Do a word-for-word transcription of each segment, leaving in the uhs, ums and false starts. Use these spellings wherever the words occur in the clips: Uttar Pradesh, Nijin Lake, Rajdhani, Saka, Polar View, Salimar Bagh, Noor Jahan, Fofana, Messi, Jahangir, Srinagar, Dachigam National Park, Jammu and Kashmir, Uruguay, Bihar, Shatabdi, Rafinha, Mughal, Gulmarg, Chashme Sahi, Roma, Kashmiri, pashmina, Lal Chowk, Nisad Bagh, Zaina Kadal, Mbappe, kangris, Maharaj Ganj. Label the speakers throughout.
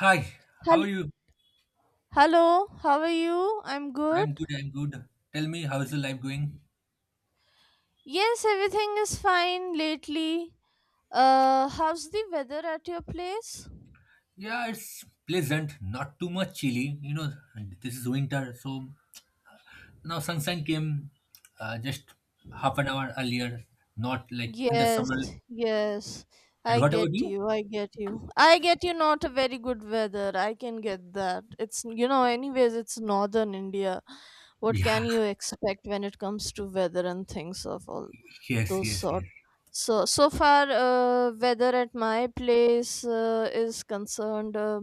Speaker 1: Hi, how are
Speaker 2: Hel-
Speaker 1: you?
Speaker 2: Hello, how are you? I'm good.
Speaker 1: I'm good, I'm good. Tell me, how's the life going?
Speaker 2: Yes, everything is fine lately. Uh, how's the weather at your place?
Speaker 1: Yeah, it's pleasant, not too much chilly. You know, this is winter, so now sunshine came uh, just half an hour earlier, not like in the
Speaker 2: Yes,
Speaker 1: summer.
Speaker 2: yes.
Speaker 1: And
Speaker 2: I
Speaker 1: what about
Speaker 2: get
Speaker 1: you?
Speaker 2: you. I get you. I get you. Not a very good weather. I can get that. It's, you know, anyways, it's northern India. What
Speaker 1: Yeah,
Speaker 2: can you expect when it comes to weather and things of all
Speaker 1: yes,
Speaker 2: those
Speaker 1: yes,
Speaker 2: sort.
Speaker 1: yes.
Speaker 2: So so far, uh, weather at my place uh, is concerned, uh,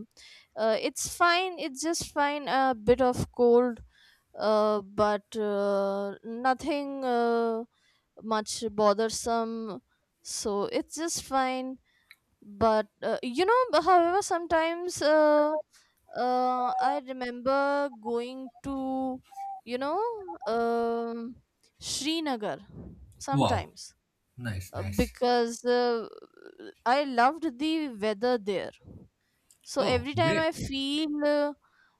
Speaker 2: uh, it's fine. It's just fine. A bit of cold, uh, but uh, nothing uh, much bothersome. So it's just fine. But uh, you know, but however, sometimes uh, uh, I remember going to you know um Srinagar
Speaker 1: Wow,
Speaker 2: sometimes,
Speaker 1: nice,
Speaker 2: uh,
Speaker 1: nice.
Speaker 2: because uh, I loved the weather there. So
Speaker 1: Oh,
Speaker 2: every time
Speaker 1: great.
Speaker 2: I feel uh,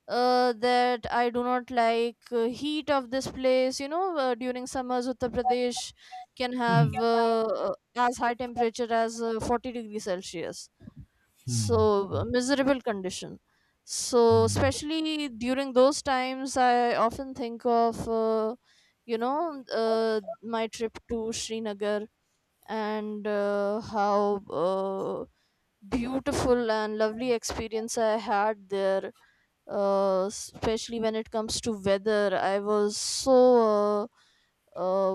Speaker 2: uh, that I do not like uh, heat of this place, you know, uh, during summers Uttar Pradesh can have uh, uh, as high temperature as uh, forty degrees Celsius. So
Speaker 1: Hmm,
Speaker 2: a miserable condition. So
Speaker 1: hmm.
Speaker 2: especially during those times, I often think of uh, you know uh, my trip to Srinagar and uh, how uh, beautiful and lovely experience I had there. Uh, especially when it comes to weather, I was so uh,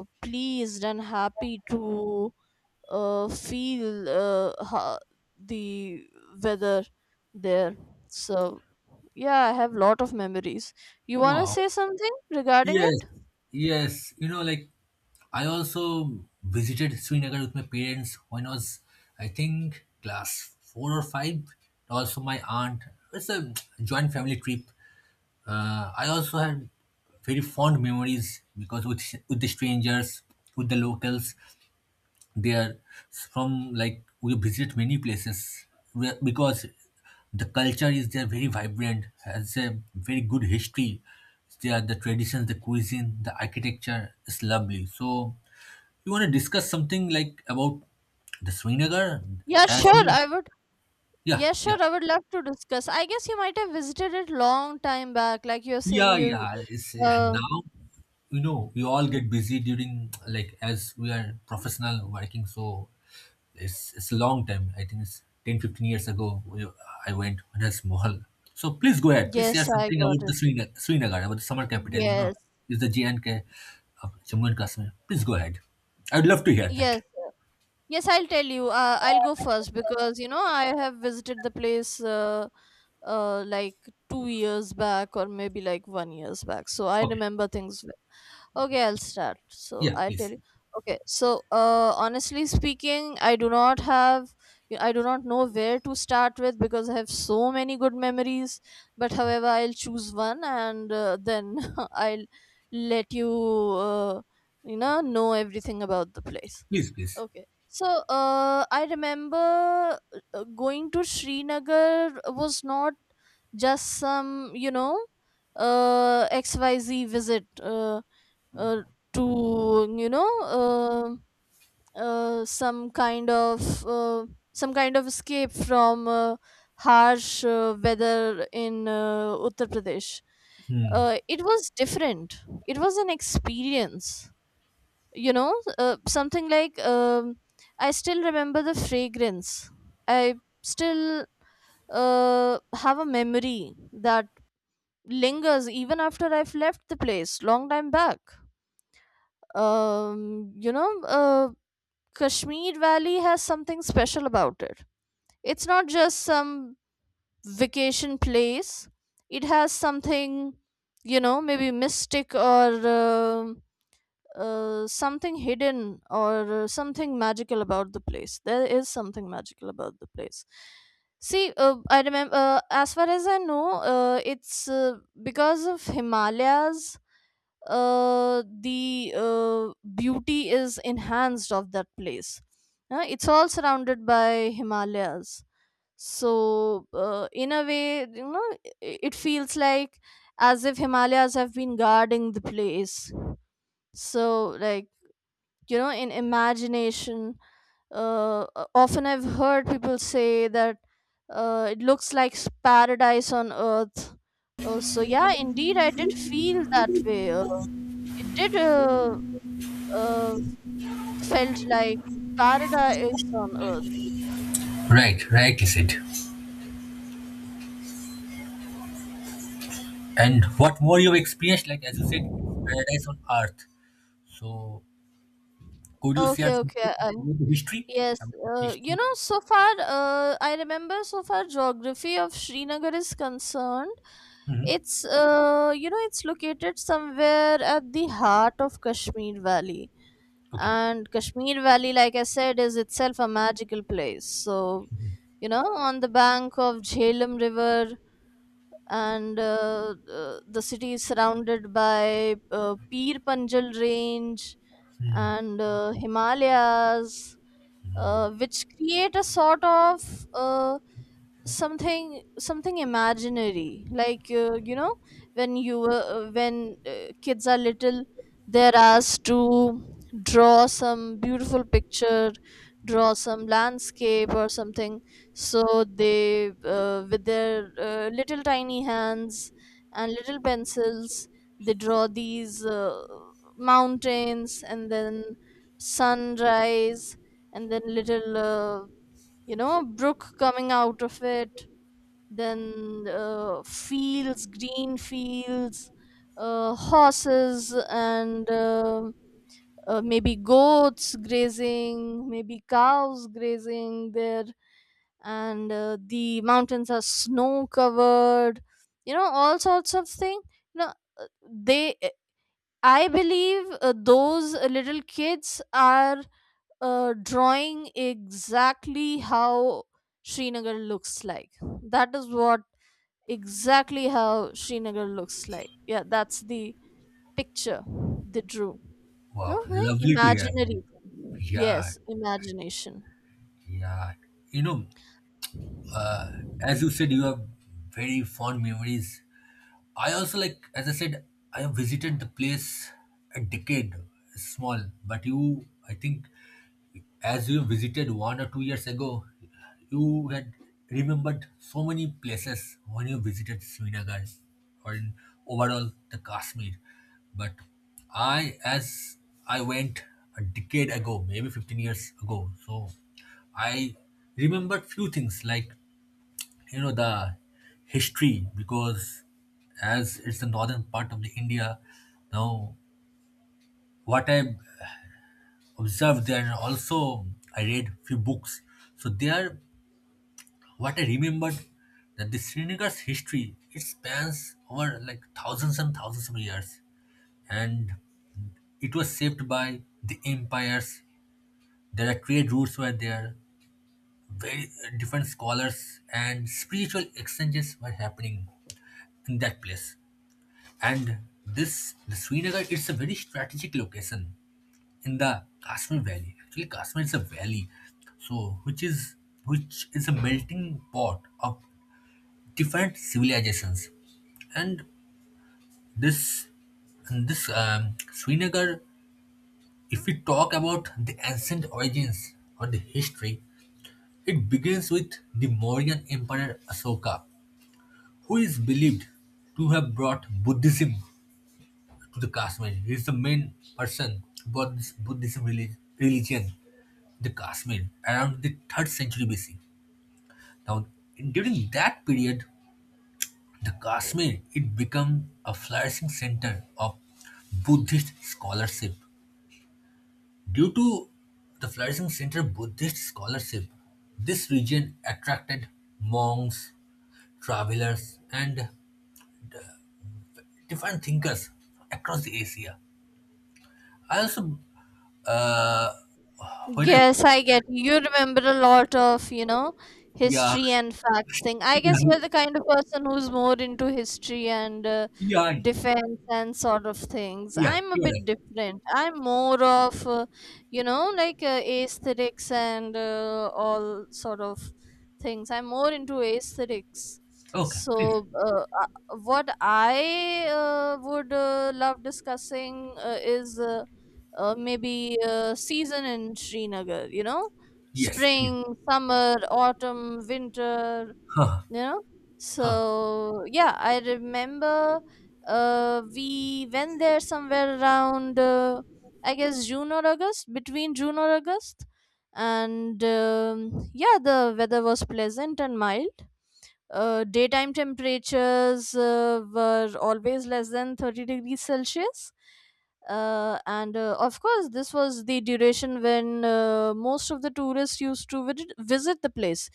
Speaker 2: uh, pleased and happy to uh, feel uh, ha- the weather there. So yeah, I have lot of memories. You wanna
Speaker 1: Wow.
Speaker 2: say something regarding
Speaker 1: Yes,
Speaker 2: it?
Speaker 1: yes. You know, like I also visited Srinagar with my parents when I was, I think, class four or five. Also, my aunt. It's a joint family trip. Uh, I also had very fond memories because with with the strangers, with the locals, they are from, like, we visit many places where, because the culture is there very vibrant, has a very good history. There are the traditions, the cuisine, the architecture is lovely. So you want to discuss something like about the Srinagar
Speaker 2: Yeah,
Speaker 1: as
Speaker 2: sure.
Speaker 1: in,
Speaker 2: I would
Speaker 1: yeah
Speaker 2: Yes,
Speaker 1: yeah.
Speaker 2: sure. I would love to discuss. I guess you might have visited it long time back, like you're saying
Speaker 1: yeah
Speaker 2: you
Speaker 1: yeah it's uh,
Speaker 2: uh
Speaker 1: now, you know, we all get busy, during, like, as we are professional working. So It's, it's a long time. I think it's ten fifteen years ago we, I went when I was small. So please go ahead. Please share
Speaker 2: yes, I
Speaker 1: something
Speaker 2: got
Speaker 1: about the
Speaker 2: it.
Speaker 1: Srinagar, Srinagar, about the summer capital, you know,
Speaker 2: Yes.
Speaker 1: is the j JNK of Jammu and Kashmir. Please go ahead. I'd love to hear that.
Speaker 2: Yes. Yes, I'll tell you. Uh, I'll go first because you know I have visited the place uh, uh, like two years back or maybe like one years back. So I
Speaker 1: Okay.
Speaker 2: remember things well. Okay, I'll start. So
Speaker 1: Yeah,
Speaker 2: I'll tell
Speaker 1: please.
Speaker 2: you. Okay, so uh, honestly speaking, I do not have. I do not know where to start with because I have so many good memories. But however, I'll choose one and uh, then I'll let you. Uh, you know know everything about the place.
Speaker 1: Please, please.
Speaker 2: Okay, so uh, I remember uh, going to Srinagar was not just some you know uh, X Y Z visit, uh, uh, to you know uh, uh, some kind of uh, some kind of escape from uh, harsh uh, weather in uh, Uttar Pradesh.
Speaker 1: Hmm.
Speaker 2: Uh, it was different. It was an experience, you know uh, something like, um, I still remember the fragrance. I still, uh, have a memory that lingers even after I've left the place long time back. um, you know uh, Kashmir valley has something special about it. It's not just some vacation place. It has something, you know maybe mystic, or um uh, something hidden, or uh, something magical about the place. There is something magical about the place. See, uh, I remember, uh, as far as I know, uh, it's uh, because of Himalayas, uh, the uh, beauty is enhanced of that place. Uh, it's all surrounded by Himalayas. So, uh, in a way, you know, i- it feels like as if Himalayas have been guarding the place. So, like, you know in imagination, uh, uh, often I've heard people say that uh, it looks like s- paradise on earth. Uh, so yeah, indeed I did feel that way. Uh, it did, uh, uh, felt like paradise on earth.
Speaker 1: Right, right. You said. And what more you've experienced, like, as you said, paradise on earth. So could you share
Speaker 2: Okay,
Speaker 1: something
Speaker 2: okay, I
Speaker 1: about the history?
Speaker 2: Yes.
Speaker 1: About the
Speaker 2: Uh, you
Speaker 1: history.
Speaker 2: know, so far, uh, I remember, so far geography of Srinagar is concerned.
Speaker 1: Hmm.
Speaker 2: It's, uh, you know, it's located somewhere at the heart of Kashmir Valley.
Speaker 1: Okay.
Speaker 2: And Kashmir Valley, like I said, is itself a magical place. So, you know, on the bank of Jhelum River, and uh, uh, the city is surrounded by uh, Peer Panjal Range and uh, Himalayas, uh, which create a sort of uh, something something imaginary. Like, uh, you know, when you uh, when uh, kids are little, they're asked to draw some beautiful picture, draw some landscape or something. So they, uh, with their uh, little tiny hands and little pencils, they draw these. Uh, mountains and then sunrise and then little uh, you know brook coming out of it, then uh, fields, green fields, uh, horses and uh, uh, maybe goats grazing, maybe cows grazing there, and uh, the mountains are snow covered, you know all sorts of thing, you know uh, they I believe uh, those uh, little kids are uh, drawing exactly how Srinagar looks like. That is what exactly how Srinagar looks like. Yeah, that's the picture they drew.
Speaker 1: Wow,
Speaker 2: Okay,
Speaker 1: lovely to hear.
Speaker 2: imaginary.
Speaker 1: Yeah,
Speaker 2: Yes, imagination.
Speaker 1: yeah. You know, as you said, you have very fond memories. I also, like, as I said, I have visited the place a decade, small, but you, I think, as you visited one or two years ago, you had remembered so many places when you visited Srinagar or in overall the Kashmir. But I, as I went a decade ago, maybe fifteen years ago, so I remember few things like, you know, the history. Because as it's the northern part of the India, now what I observed, there are also, I read few books. So there what I remembered that the Srinagar's history, it spans over like thousands and thousands of years, and it was shaped by the empires. There are trade routes were there, very uh, different scholars and spiritual exchanges were happening in that place. And this the Srinagar, it's a very strategic location in the Kashmir Valley. Actually, Kashmir is a valley, so which is which is a melting pot of different civilizations. And this and this um, Srinagar, if we talk about the ancient origins or the history, it begins with the Mauryan Emperor Asoka, who is believed to have brought Buddhism to the Kashmir. He is the main person who brought this Buddhism relig- religion to the Kashmir around the third century B C. Now, in- during that period, the Kashmir, it became a flourishing center of Buddhist scholarship. Due to the flourishing center of Buddhist scholarship, this region attracted monks, travelers, and different thinkers across the Asia. I also, uh, when I
Speaker 2: Yes, I get you. You remember a lot of, you know,
Speaker 1: yeah.
Speaker 2: history and facts thing. I guess
Speaker 1: Yeah,
Speaker 2: you're the kind of person who's more into history and uh,
Speaker 1: yeah,
Speaker 2: defense and sort of things.
Speaker 1: yeah,
Speaker 2: I'm a
Speaker 1: you're
Speaker 2: bit
Speaker 1: right.
Speaker 2: different. I'm more of, uh, you know, like uh, aesthetics and uh, all sort of things. I'm more into aesthetics.
Speaker 1: Okay, please.
Speaker 2: So, uh, uh, what I uh, would uh, love discussing uh, is. Uh, uh, maybe a season in Srinagar, you know,
Speaker 1: Yes, please.
Speaker 2: spring, summer, autumn, winter,
Speaker 1: Huh,
Speaker 2: you know.
Speaker 1: huh.
Speaker 2: So, yeah, I remember uh, we went there somewhere around, uh, I guess, June or August, between June or August. And um, yeah, the weather was pleasant and mild. Uh, daytime temperatures uh, were always less than thirty degrees Celsius. Uh, and uh, of course, this was the duration when uh, most of the tourists used to visit, visit the place,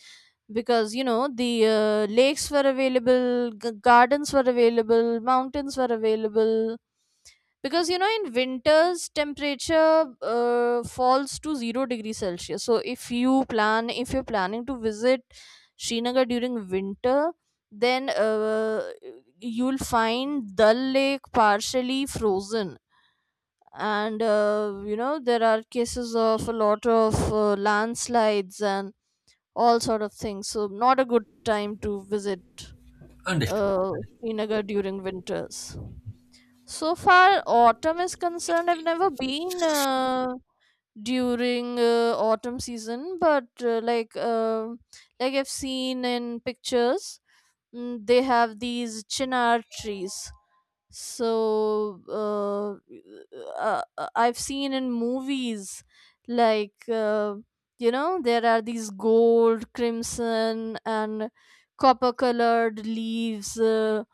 Speaker 2: because you know the uh, lakes were available, g- gardens were available, mountains were available, because you know in winters temperature uh, falls to zero degree Celsius. So if you plan if you're planning to visit Srinagar during winter, then uh, you'll find Dal Lake partially frozen, and uh, you know there are cases of a lot of uh, landslides and all sort of things, so not a good time to visit
Speaker 1: Understood. Understood.
Speaker 2: uh, Srinagar during winters. So far, autumn is concerned, I've never been uh, during uh, autumn season, but uh, like um like I've seen in pictures, mm, they have these chinar trees. So uh, uh, uh, I've seen in movies, like, uh, you know there are these gold, crimson and copper colored leaves uh,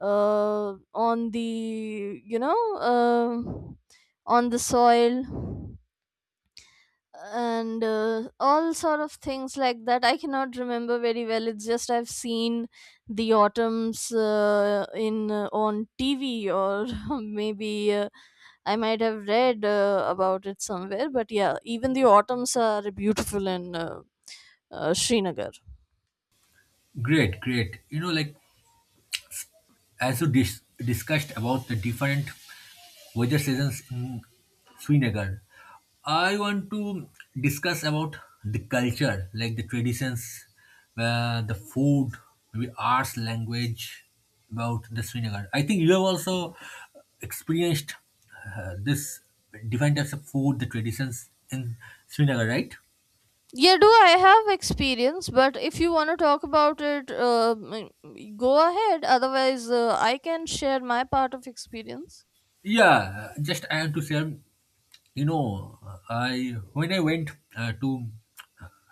Speaker 2: uh, on the you know uh, on the soil, and uh, all sort of things like that. I cannot remember very well. It's just I've seen the autumns uh, in uh, on TV or maybe uh, I might have read uh, about it somewhere. But yeah, even the autumns are beautiful in uh, uh, Srinagar.
Speaker 1: Great, great. You know, like, as you dis- discussed about the different weather seasons in Srinagar. I want to discuss about the culture, like the traditions, uh, the food, maybe arts, language about the Srinagar. I think you have also experienced uh, this different types of food, the traditions in Srinagar, right?
Speaker 2: Yeah, do I have experience? But if you want to talk about it, uh, m- go ahead. Otherwise, uh, I can share my part of experience.
Speaker 1: Yeah, just I have to say, you know, I when I went uh, to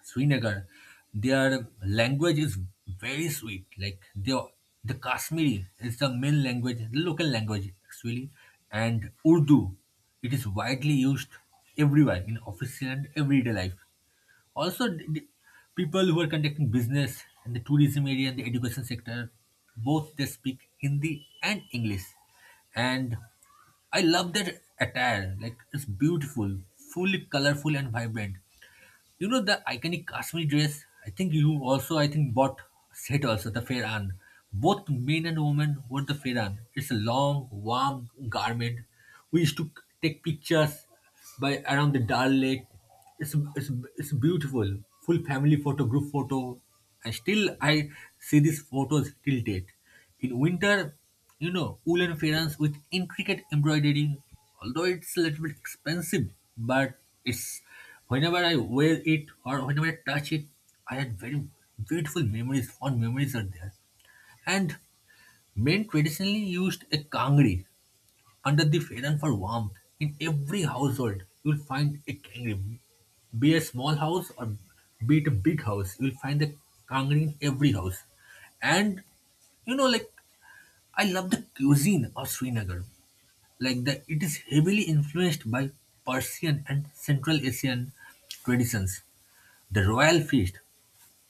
Speaker 1: Srinagar, their language is very sweet. Like the the Kashmiri is the main language, the local language actually, and Urdu. It is widely used everywhere in official and everyday life. Also, the, the people who are conducting business in the tourism area and the education sector, both they speak Hindi and English. And I love their attire. Like, it's beautiful, fully colorful and vibrant. You know the iconic Kashmiri dress? I think you also, I think, bought set also, the Fairan. Both men and women wore the Fairan. It's a long, warm garment. We used to take pictures by around the Dal Lake. It's, it's, it's beautiful. Full family photo, group photo. I still, I see these photos till date. In winter, you know, woolen fairs with intricate embroidery, although it's a little bit expensive, but it's, whenever I wear it or whenever I touch it, I had very beautiful memories, fond memories are there. And men traditionally used a kangri under the fairan for warmth. In every household, you'll find a kangri. Be a small house or be it a big house, you'll find a kangri in every house. And, you know, like, I love the cuisine of Srinagar. Like, the it is heavily influenced by Persian and Central Asian traditions. The royal feast,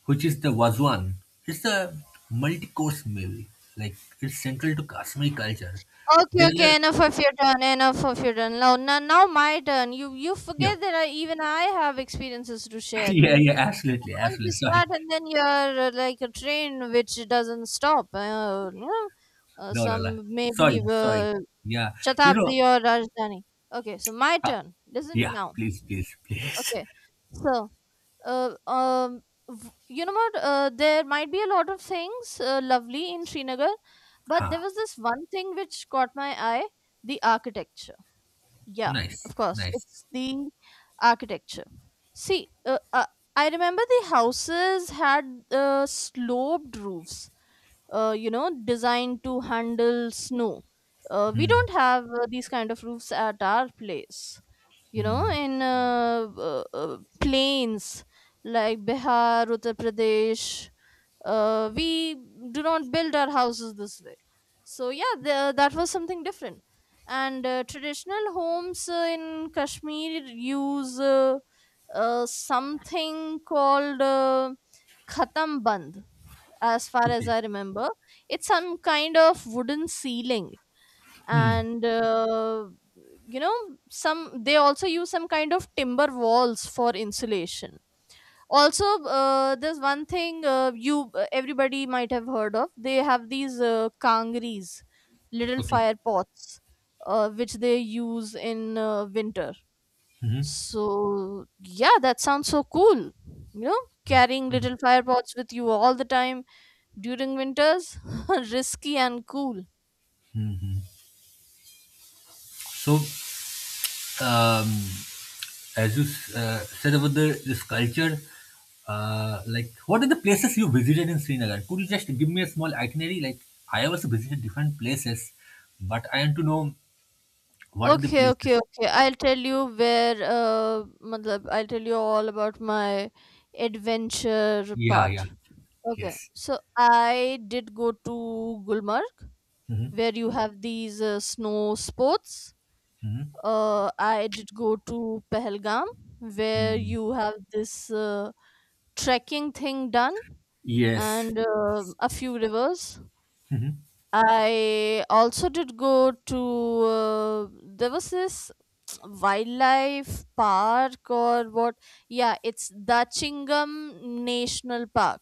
Speaker 1: which is the Wazwan, is a multi-course meal. Like, it's central to Kashmiri culture.
Speaker 2: Okay,
Speaker 1: There are
Speaker 2: okay, enough of your turn, enough of your turn. Now, now, now my turn. You you
Speaker 1: yeah.
Speaker 2: forget that I, even I have experiences to share.
Speaker 1: Yeah,
Speaker 2: You
Speaker 1: yeah, absolutely,
Speaker 2: once you
Speaker 1: absolutely. Sorry.
Speaker 2: start and then you're uh, like a train which doesn't stop. Uh, you know, uh,
Speaker 1: No, no, no.
Speaker 2: some maybe,
Speaker 1: Sorry, sorry.
Speaker 2: uh,
Speaker 1: Yeah. You know
Speaker 2: Shatabdi or Rajdhani. Okay, so my
Speaker 1: uh,
Speaker 2: turn. Listen
Speaker 1: yeah,
Speaker 2: now.
Speaker 1: please, please, please.
Speaker 2: Okay, so uh, um, v- you know what? Uh, there might be a lot of things uh, lovely in Srinagar, but there
Speaker 1: Huh.
Speaker 2: was this one thing which caught my eye, the architecture. Yeah,
Speaker 1: Nice,
Speaker 2: of course,
Speaker 1: nice.
Speaker 2: it's the architecture. See, uh, uh, I remember the houses had uh, sloped roofs, uh, you know, designed to handle snow. Uh, we
Speaker 1: Hmm.
Speaker 2: don't have uh, these kind of roofs at our place, you know
Speaker 1: Hmm.
Speaker 2: in uh, uh, uh, plains like Bihar, Uttar Pradesh. Uh, we do not build our houses this way. So yeah, the, that was something different. And uh, traditional homes uh, in Kashmir use uh, uh, something called uh, khatam band, as far as
Speaker 1: Okay.
Speaker 2: I remember. It's some kind of wooden ceiling,
Speaker 1: Hmm.
Speaker 2: and uh, you know some they also use some kind of timber walls for insulation. Also, uh, there's one thing uh, you uh, everybody might have heard of. They have these uh, kangris, little
Speaker 1: Okay.
Speaker 2: fire pots, uh, which they use in uh, winter.
Speaker 1: Mhm,
Speaker 2: So yeah, that sounds so cool. you know Carrying little fire pots with you all the time during winters, risky and cool.
Speaker 1: mhm. So, um, as you s- uh, said about the this culture, uh, like what are the places you visited in Srinagar? Could you just give me a small itinerary? Like, I also visited different places, but I want to know what are the
Speaker 2: Okay, okay,
Speaker 1: places.
Speaker 2: okay. I'll tell you where, uh, matlab, I'll tell you all about my adventure
Speaker 1: Yeah, yeah,
Speaker 2: part. Okay,
Speaker 1: yes,
Speaker 2: so I did go to Gulmarg,
Speaker 1: hmm
Speaker 2: where you have these uh, snow sports.
Speaker 1: hmm
Speaker 2: Uh, I did go to Pahalgam, where
Speaker 1: hmm,
Speaker 2: you have this uh, trekking thing done,
Speaker 1: yes.
Speaker 2: and uh, a few rivers.
Speaker 1: Hmm.
Speaker 2: I also did go to uh, there was this wildlife park or what yeah it's Dachingam National Park,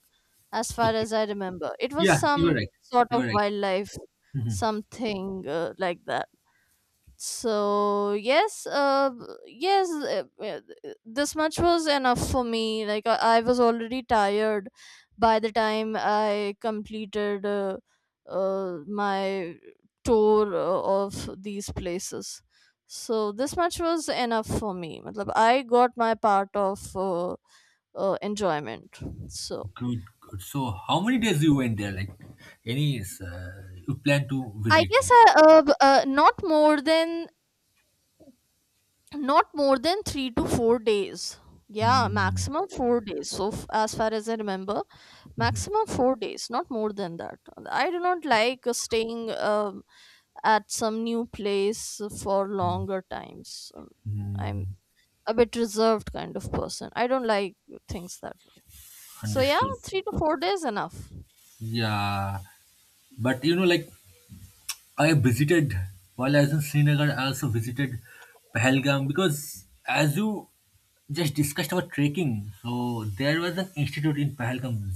Speaker 2: as far
Speaker 1: Okay.
Speaker 2: as I remember. It was
Speaker 1: Yeah, you were
Speaker 2: some
Speaker 1: right.
Speaker 2: sort
Speaker 1: You
Speaker 2: of
Speaker 1: were right.
Speaker 2: wildlife
Speaker 1: Mhm.
Speaker 2: something uh, like that. so yes uh yes uh, uh, this much was enough for me. Like i, I was already tired by the time I completed uh, uh, my tour uh, of these places. So this much was enough for me. Matlab, I got my part of uh, uh, enjoyment. So
Speaker 1: Good, good. So, how many days you went there? Like, any uh, you plan to
Speaker 2: I
Speaker 1: visit?
Speaker 2: guess I, uh, b- uh, not more than not more than three to four days. Yeah,
Speaker 1: Hmm.
Speaker 2: maximum four days. So f- as far as I remember,
Speaker 1: Mhm.
Speaker 2: maximum four days, not more than that. I do not like uh, staying um, at some new place for longer times. Um, I'm
Speaker 1: Mm.
Speaker 2: a bit reserved kind of person. I don't like things that way. So yeah,
Speaker 1: Understood.
Speaker 2: three to four days enough.
Speaker 1: Yeah. But you know, like, I visited, while I was in Srinagar, I also visited Pahalgam because, as you just discussed about trekking, so there was an institute in Pahalgam,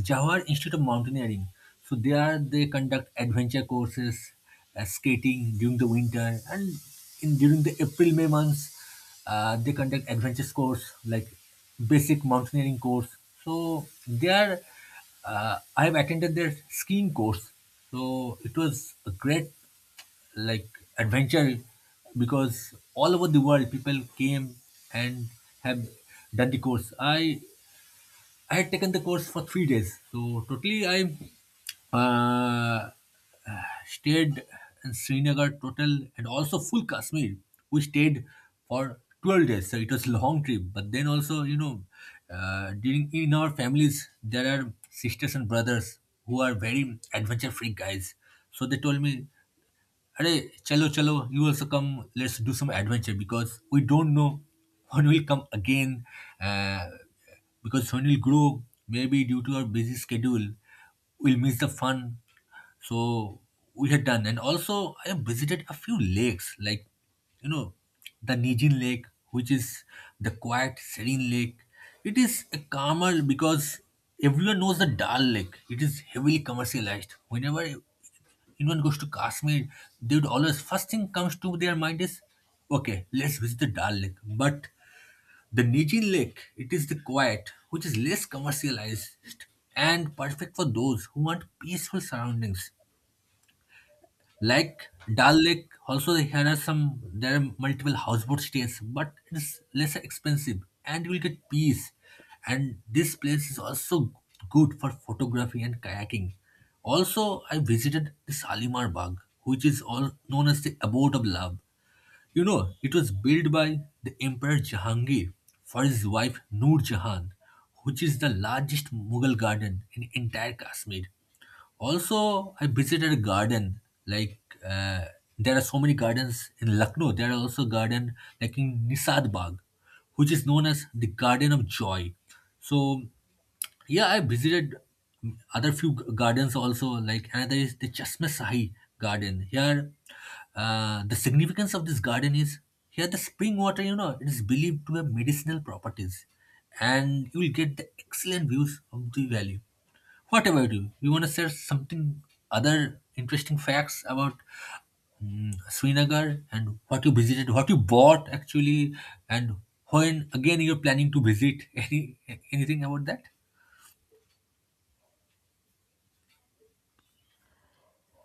Speaker 1: Jawahar Institute of Mountaineering. So there they conduct adventure courses, uh, skating during the winter, and in during the April May months. Uh, they conduct adventures course, like basic mountaineering course. So they are. Uh, I have attended their skiing course. So it was a great, like, adventure, because all over the world people came and have done the course. I I had taken the course for three days, so totally I uh, stayed in Srinagar total and also full Kashmir. We stayed for twelve days, so it was a long trip. But then also, you know, uh, during, in our families, there are sisters and brothers who are very adventure freak guys. So they told me, hey, chalo chalo, you also come. Let's do some adventure because we don't know when we'll come again. Uh, because when we'll grow, maybe due to our busy schedule, we'll miss the fun, so we had done, and also I visited a few lakes, like, you know, the Nijin Lake, which is the quiet, serene lake. It is a calmer, because everyone knows the Dal Lake. It is heavily commercialized. Whenever anyone goes to Kashmir, they would always, first thing comes to their mind is, okay, let's visit the Dal Lake. But the Nijin Lake, it is the quiet, which is less commercialized and perfect for those who want peaceful surroundings. Like Dal Lake, also here are some, there are multiple houseboat stays, but it's less expensive and you will get peace. And this place is also good for photography and kayaking. Also, I visited the Salimar Bagh, which is all known as the abode of love. You know, it was built by the Emperor Jahangir for his wife Noor Jahan, which is the largest Mughal garden in entire Kashmir. Also, I visited a garden like, uh, there are so many gardens in Lucknow. There are also garden like in Nisad Bagh, which is known as the Garden of Joy. So yeah, I visited other few g- gardens also. Like, another is the Chashme Sahi garden. Here, uh, the significance of this garden is, here the spring water, you know, it is believed to have medicinal properties, and you will get the excellent views of the valley. What about you? You want to share something other interesting facts about, mm, Srinagar, and what you visited, what you bought actually, and when again you're planning to visit? Any anything about that?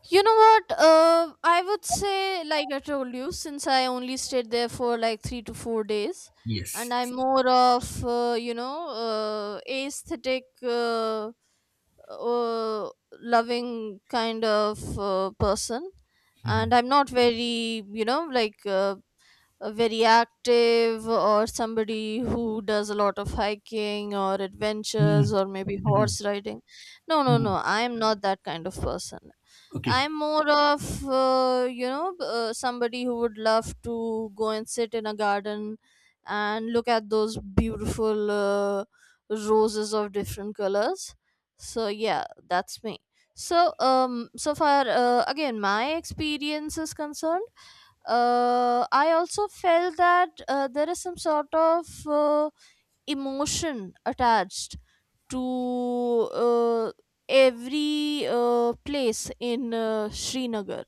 Speaker 2: You know what? Uh, I would say, like I told you, since I only stayed there for like three to four days,
Speaker 1: Yes,
Speaker 2: and
Speaker 1: yes.
Speaker 2: I'm more of, uh, you know, uh, aesthetic, uh, uh, loving kind of uh, person.
Speaker 1: Mhm.
Speaker 2: And I'm not very, you know, like uh, uh, very active, or somebody who does a lot of hiking or adventures
Speaker 1: Mhm.
Speaker 2: or maybe horse
Speaker 1: Mhm.
Speaker 2: riding. No no no
Speaker 1: Mhm.
Speaker 2: I am not that kind of person.
Speaker 1: Okay,
Speaker 2: I'm more of uh, you know b- uh, somebody who would love to go and sit in a garden and look at those beautiful uh, roses of different colors. So yeah, that's me. so um so far uh, again my experience is concerned, uh, I also felt that uh, there is some sort of uh, emotion attached to uh, every uh, place in uh, Srinagar.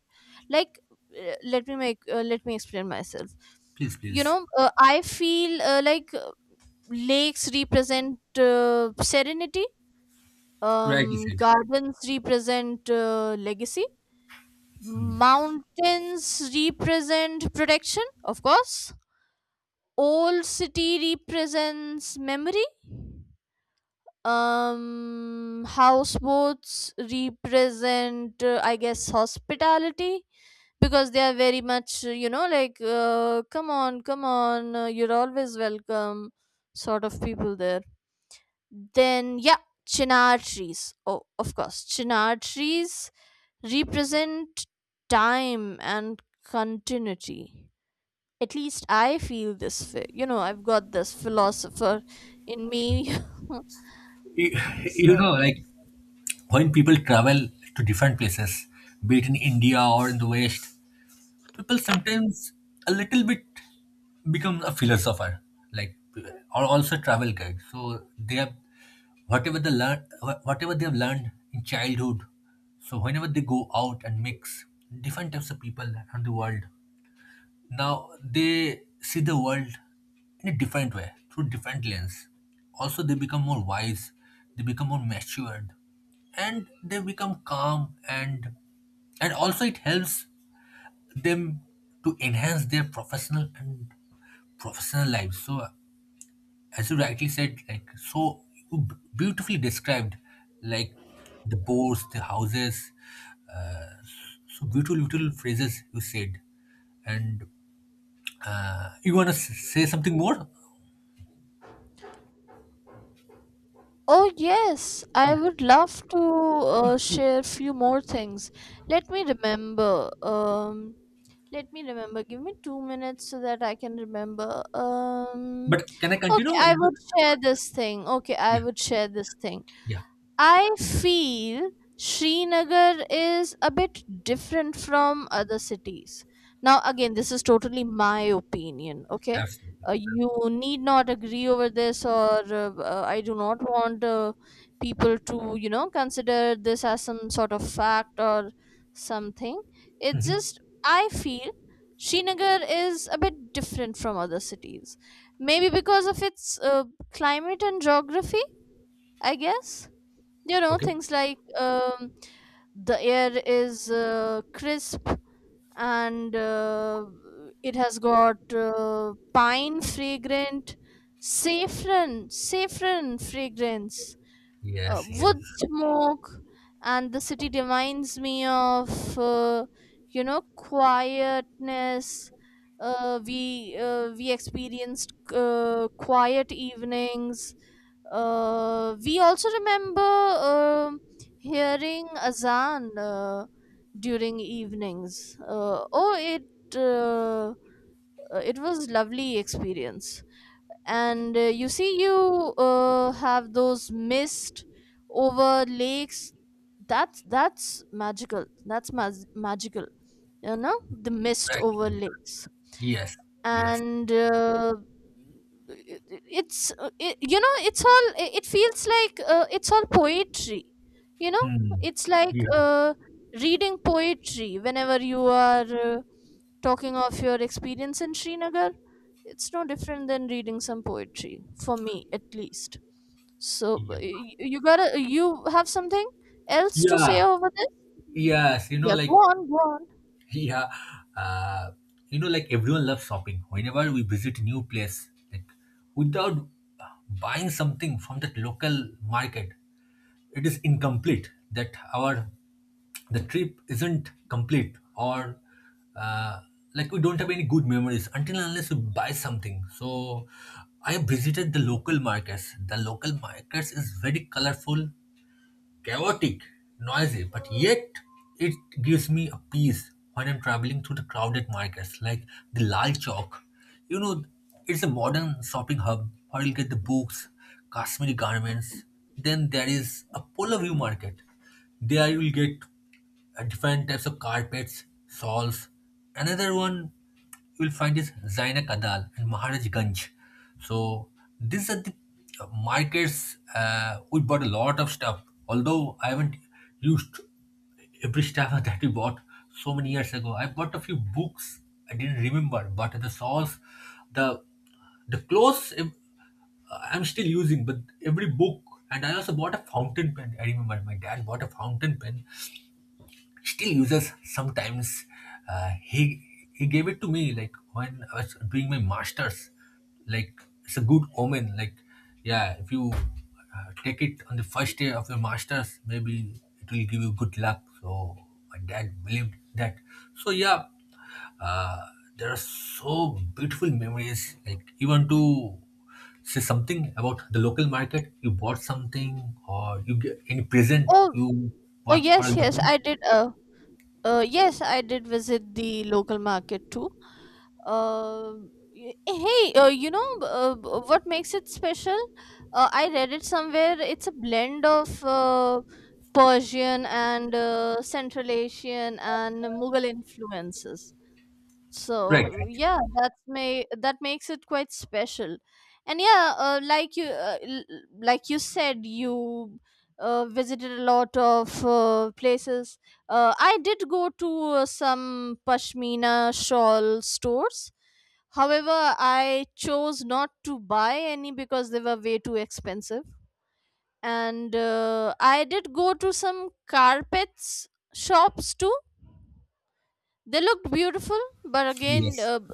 Speaker 2: Like, uh, let me make uh, let me explain myself.
Speaker 1: please,
Speaker 2: You
Speaker 1: please.
Speaker 2: know, uh, I feel uh, like uh, lakes represent uh, serenity,
Speaker 1: Rightly
Speaker 2: um,
Speaker 1: said.
Speaker 2: gardens represent uh, legacy,
Speaker 1: Mhm.
Speaker 2: mountains represent protection, of course. Old city represents memory. Um, houseboats represent, uh, I guess, hospitality, because they are very much, uh, you know, like, uh, come on, come on, uh, you're always welcome, sort of people there. Then, yeah, chinar trees. Oh, of course, chinar trees represent time and continuity. At least I feel this. Phi- you know, I've got this philosopher in me.
Speaker 1: You, you
Speaker 2: so,
Speaker 1: know, like, when people travel to different places, be it in India or in the West, people sometimes a little bit become a philosopher, like, or also travel guide. So they have whatever they learn, whatever they have learned in childhood. So whenever they go out and mix different types of people around the world, now they see the world in a different way, through different lens. Also, they become more wise, they become more matured, and they become calm, and and also it helps them to enhance their professional and professional lives. So, as you rightly said, like so you b- beautifully described, like the boats, the houses, uh, so beautiful little phrases you said, and uh, you want to say something more?
Speaker 2: oh yes, I
Speaker 1: Yeah.
Speaker 2: would love to uh,
Speaker 1: Please,
Speaker 2: share
Speaker 1: please.
Speaker 2: few more things. Let me remember. Um, let me remember. Give me two minutes so that I can remember. Um,
Speaker 1: But can I
Speaker 2: okay,
Speaker 1: continue?
Speaker 2: I would share this thing. Okay, I
Speaker 1: Yeah.
Speaker 2: would share this thing.
Speaker 1: Yeah.
Speaker 2: I feel Srinagar is a bit different from other cities. Now, again, this is totally my opinion, okay?
Speaker 1: Absolutely.
Speaker 2: Uh, you need not agree over this, or uh, uh, I do not want uh, people to, you know, consider this as some sort of fact or something. It's
Speaker 1: Mhm.
Speaker 2: just, I feel Srinagar is a bit different from other cities. Maybe because of its uh, climate and geography, I guess. You know,
Speaker 1: Okay.
Speaker 2: things like um, the air is uh, crisp, and uh, it has got uh, pine fragrant, saffron saffron fragrance, uh,
Speaker 1: Yes. Yes.
Speaker 2: wood smoke. And the city reminds me of uh, you know, quietness. Uh, we uh, we experienced uh, quiet evenings. Uh, we also remember um hearing azan uh, during evenings. Uh, oh, it uh, uh, it was lovely experience. And uh, you see, you uh, have those mist over lakes. That's that's magical. That's mag- magical. You know, the mist
Speaker 1: Right.
Speaker 2: over lakes.
Speaker 1: Yes. Yes.
Speaker 2: and uh, it- it- it's uh, it, you know, it's all it it feels like uh, it's all poetry, you know.
Speaker 1: Hmm.
Speaker 2: It's like
Speaker 1: Yeah.
Speaker 2: uh, reading poetry whenever you are uh, talking of your experience in Srinagar. It's no different than reading some poetry, for me at least. So b-
Speaker 1: Yeah.
Speaker 2: y- y- you gotta you have something else to say
Speaker 1: Yeah.
Speaker 2: over this.
Speaker 1: Yes. You know,
Speaker 2: yeah Go
Speaker 1: like
Speaker 2: on, go on.
Speaker 1: yeah. Uh, you know, like everyone loves shopping. Whenever we visit a new place, like without buying something from that local market, it is incomplete that our the trip isn't complete or uh, like we don't have any good memories until and unless we buy something. So I visited the local markets. The local markets is very colorful, chaotic, noisy, but yet it gives me a peace when I'm traveling through the crowded markets like the Lal Chowk. You know, it's a modern shopping hub where you'll get the books, Kashmiri garments. Then there is a Polar View market. There you'll get uh, different types of carpets, shawls. Another one you will find is Zaina Kadal and Maharaj Ganj. So these are the uh, markets. Uh, we bought a lot of stuff, although I haven't used every stuff that we bought so many years ago. I bought a few books. I didn't remember, but the sauce, the the clothes, ev- uh, I'm still using. But every book, and I also bought a fountain pen. I remember my dad bought a fountain pen, still uses sometimes. Uh, he he gave it to me like when I was doing my masters. Like it's a good omen. Like yeah, if you uh, take it on the first day of your masters, maybe it will give you good luck. So my dad believed that. So yeah, uh, there are so beautiful memories. Like you want to say something about the local market, you bought something or you get any present
Speaker 2: oh
Speaker 1: you
Speaker 2: oh
Speaker 1: bought for a
Speaker 2: yes, yes
Speaker 1: local.
Speaker 2: I did uh Uh, yes, I did visit the local market too. Uh, y- Hey, uh, you know, uh, b- what makes it special? Uh, I read it somewhere. It's a blend of uh, Persian and uh, Central Asian and Mughal influences. So
Speaker 1: Right, right.
Speaker 2: yeah, that's may that makes it quite special. And yeah, uh, like you uh, l- like you said, you uh, visited a lot of uh, places. uh, I did go to uh, some pashmina shawl stores, however I chose not to buy any because they were way too expensive. And uh, I did go to some carpets shops too. They looked beautiful, but again,
Speaker 1: Yes.
Speaker 2: uh, b-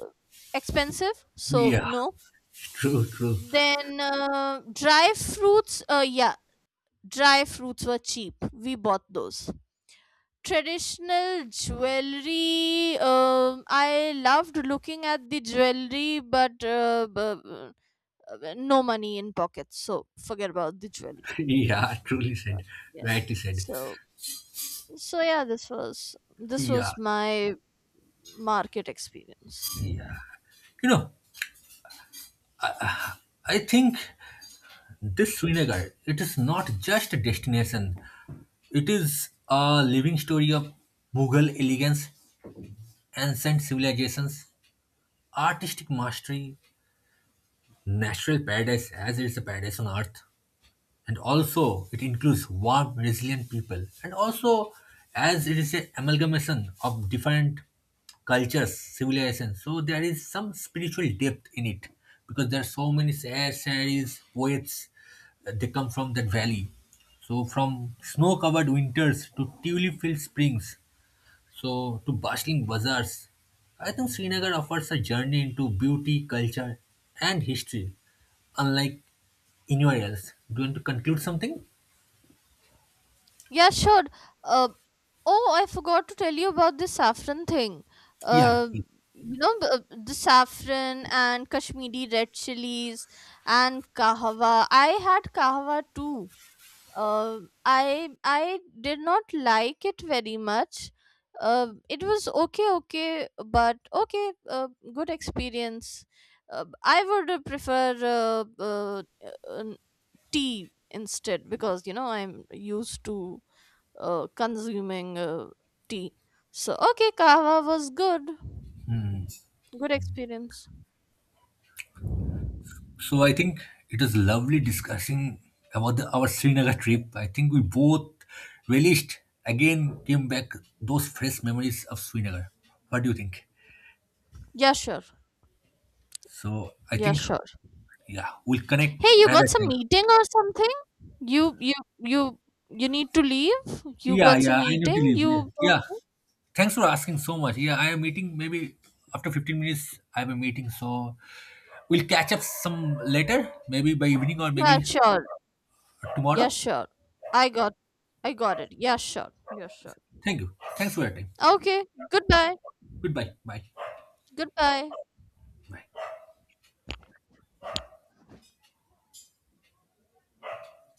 Speaker 2: expensive, so
Speaker 1: Yeah.
Speaker 2: no.
Speaker 1: True, true.
Speaker 2: Then uh, dry fruits, uh, yeah, dry fruits were cheap. We bought those. Traditional jewelry, um, I loved looking at the jewelry, but uh, b- b- uh, no money in pockets, so forget about the jewelry.
Speaker 1: Yeah, truly said.
Speaker 2: Yeah.
Speaker 1: Rightly said.
Speaker 2: So so yeah, this was, this
Speaker 1: Yeah,
Speaker 2: was my market experience.
Speaker 1: yeah. You know, I think this Srinagar, it is not just a destination. It is a living story of Mughal elegance, ancient civilizations, artistic mastery, natural paradise, as it is a paradise on earth. And also it includes warm resilient people, and also as it is a amalgamation of different cultures, civilizations, so there is some spiritual depth in it because there are so many sages, poets. Uh, they come from that valley. So from snow covered winters to tulip filled springs, so, to bustling bazaars, I think Srinagar offers a journey into beauty, culture, and history, unlike anywhere else. Do you want to conclude something?
Speaker 2: Yeah, sure. Uh, oh, I forgot to tell you about the saffron thing.
Speaker 1: Yeah, yeah.
Speaker 2: Uh,
Speaker 1: Please.
Speaker 2: you know, the the saffron and Kashmiri red chilies and kahwa. I had kahwa too. Uh, I I did not like it very much. Uh, it was okay, okay, but okay, uh, good experience. Uh, I would uh, prefer uh, uh, uh, tea instead, because you know I'm used to uh, consuming uh, tea. So, okay, kava was good. Good experience.
Speaker 1: So, I think it was lovely discussing about the, our Srinagar trip. I think we both relished, again, came back those fresh memories of Srinagar. What do you think?
Speaker 2: Yeah, sure.
Speaker 1: So, I
Speaker 2: Yeah,
Speaker 1: think,
Speaker 2: sure.
Speaker 1: yeah, we'll connect
Speaker 2: Hey, you
Speaker 1: another
Speaker 2: got some
Speaker 1: time.
Speaker 2: meeting or something? You you you you need to leave? You
Speaker 1: Yeah,
Speaker 2: got some
Speaker 1: yeah, I need to
Speaker 2: meeting?
Speaker 1: leave. Yeah.
Speaker 2: You.
Speaker 1: Yeah. Thanks for asking so much. Yeah, I am meeting maybe after fifteen minutes. I have a meeting, so we'll catch up some later, maybe by evening or
Speaker 2: Yeah,
Speaker 1: maybe
Speaker 2: sure. Yeah,
Speaker 1: tomorrow.
Speaker 2: sure. I got I got it. Yeah, sure. Yeah, sure.
Speaker 1: Thank you. Thanks for your time.
Speaker 2: Okay. Goodbye.
Speaker 1: Goodbye. Bye.
Speaker 2: Goodbye.
Speaker 1: Bye.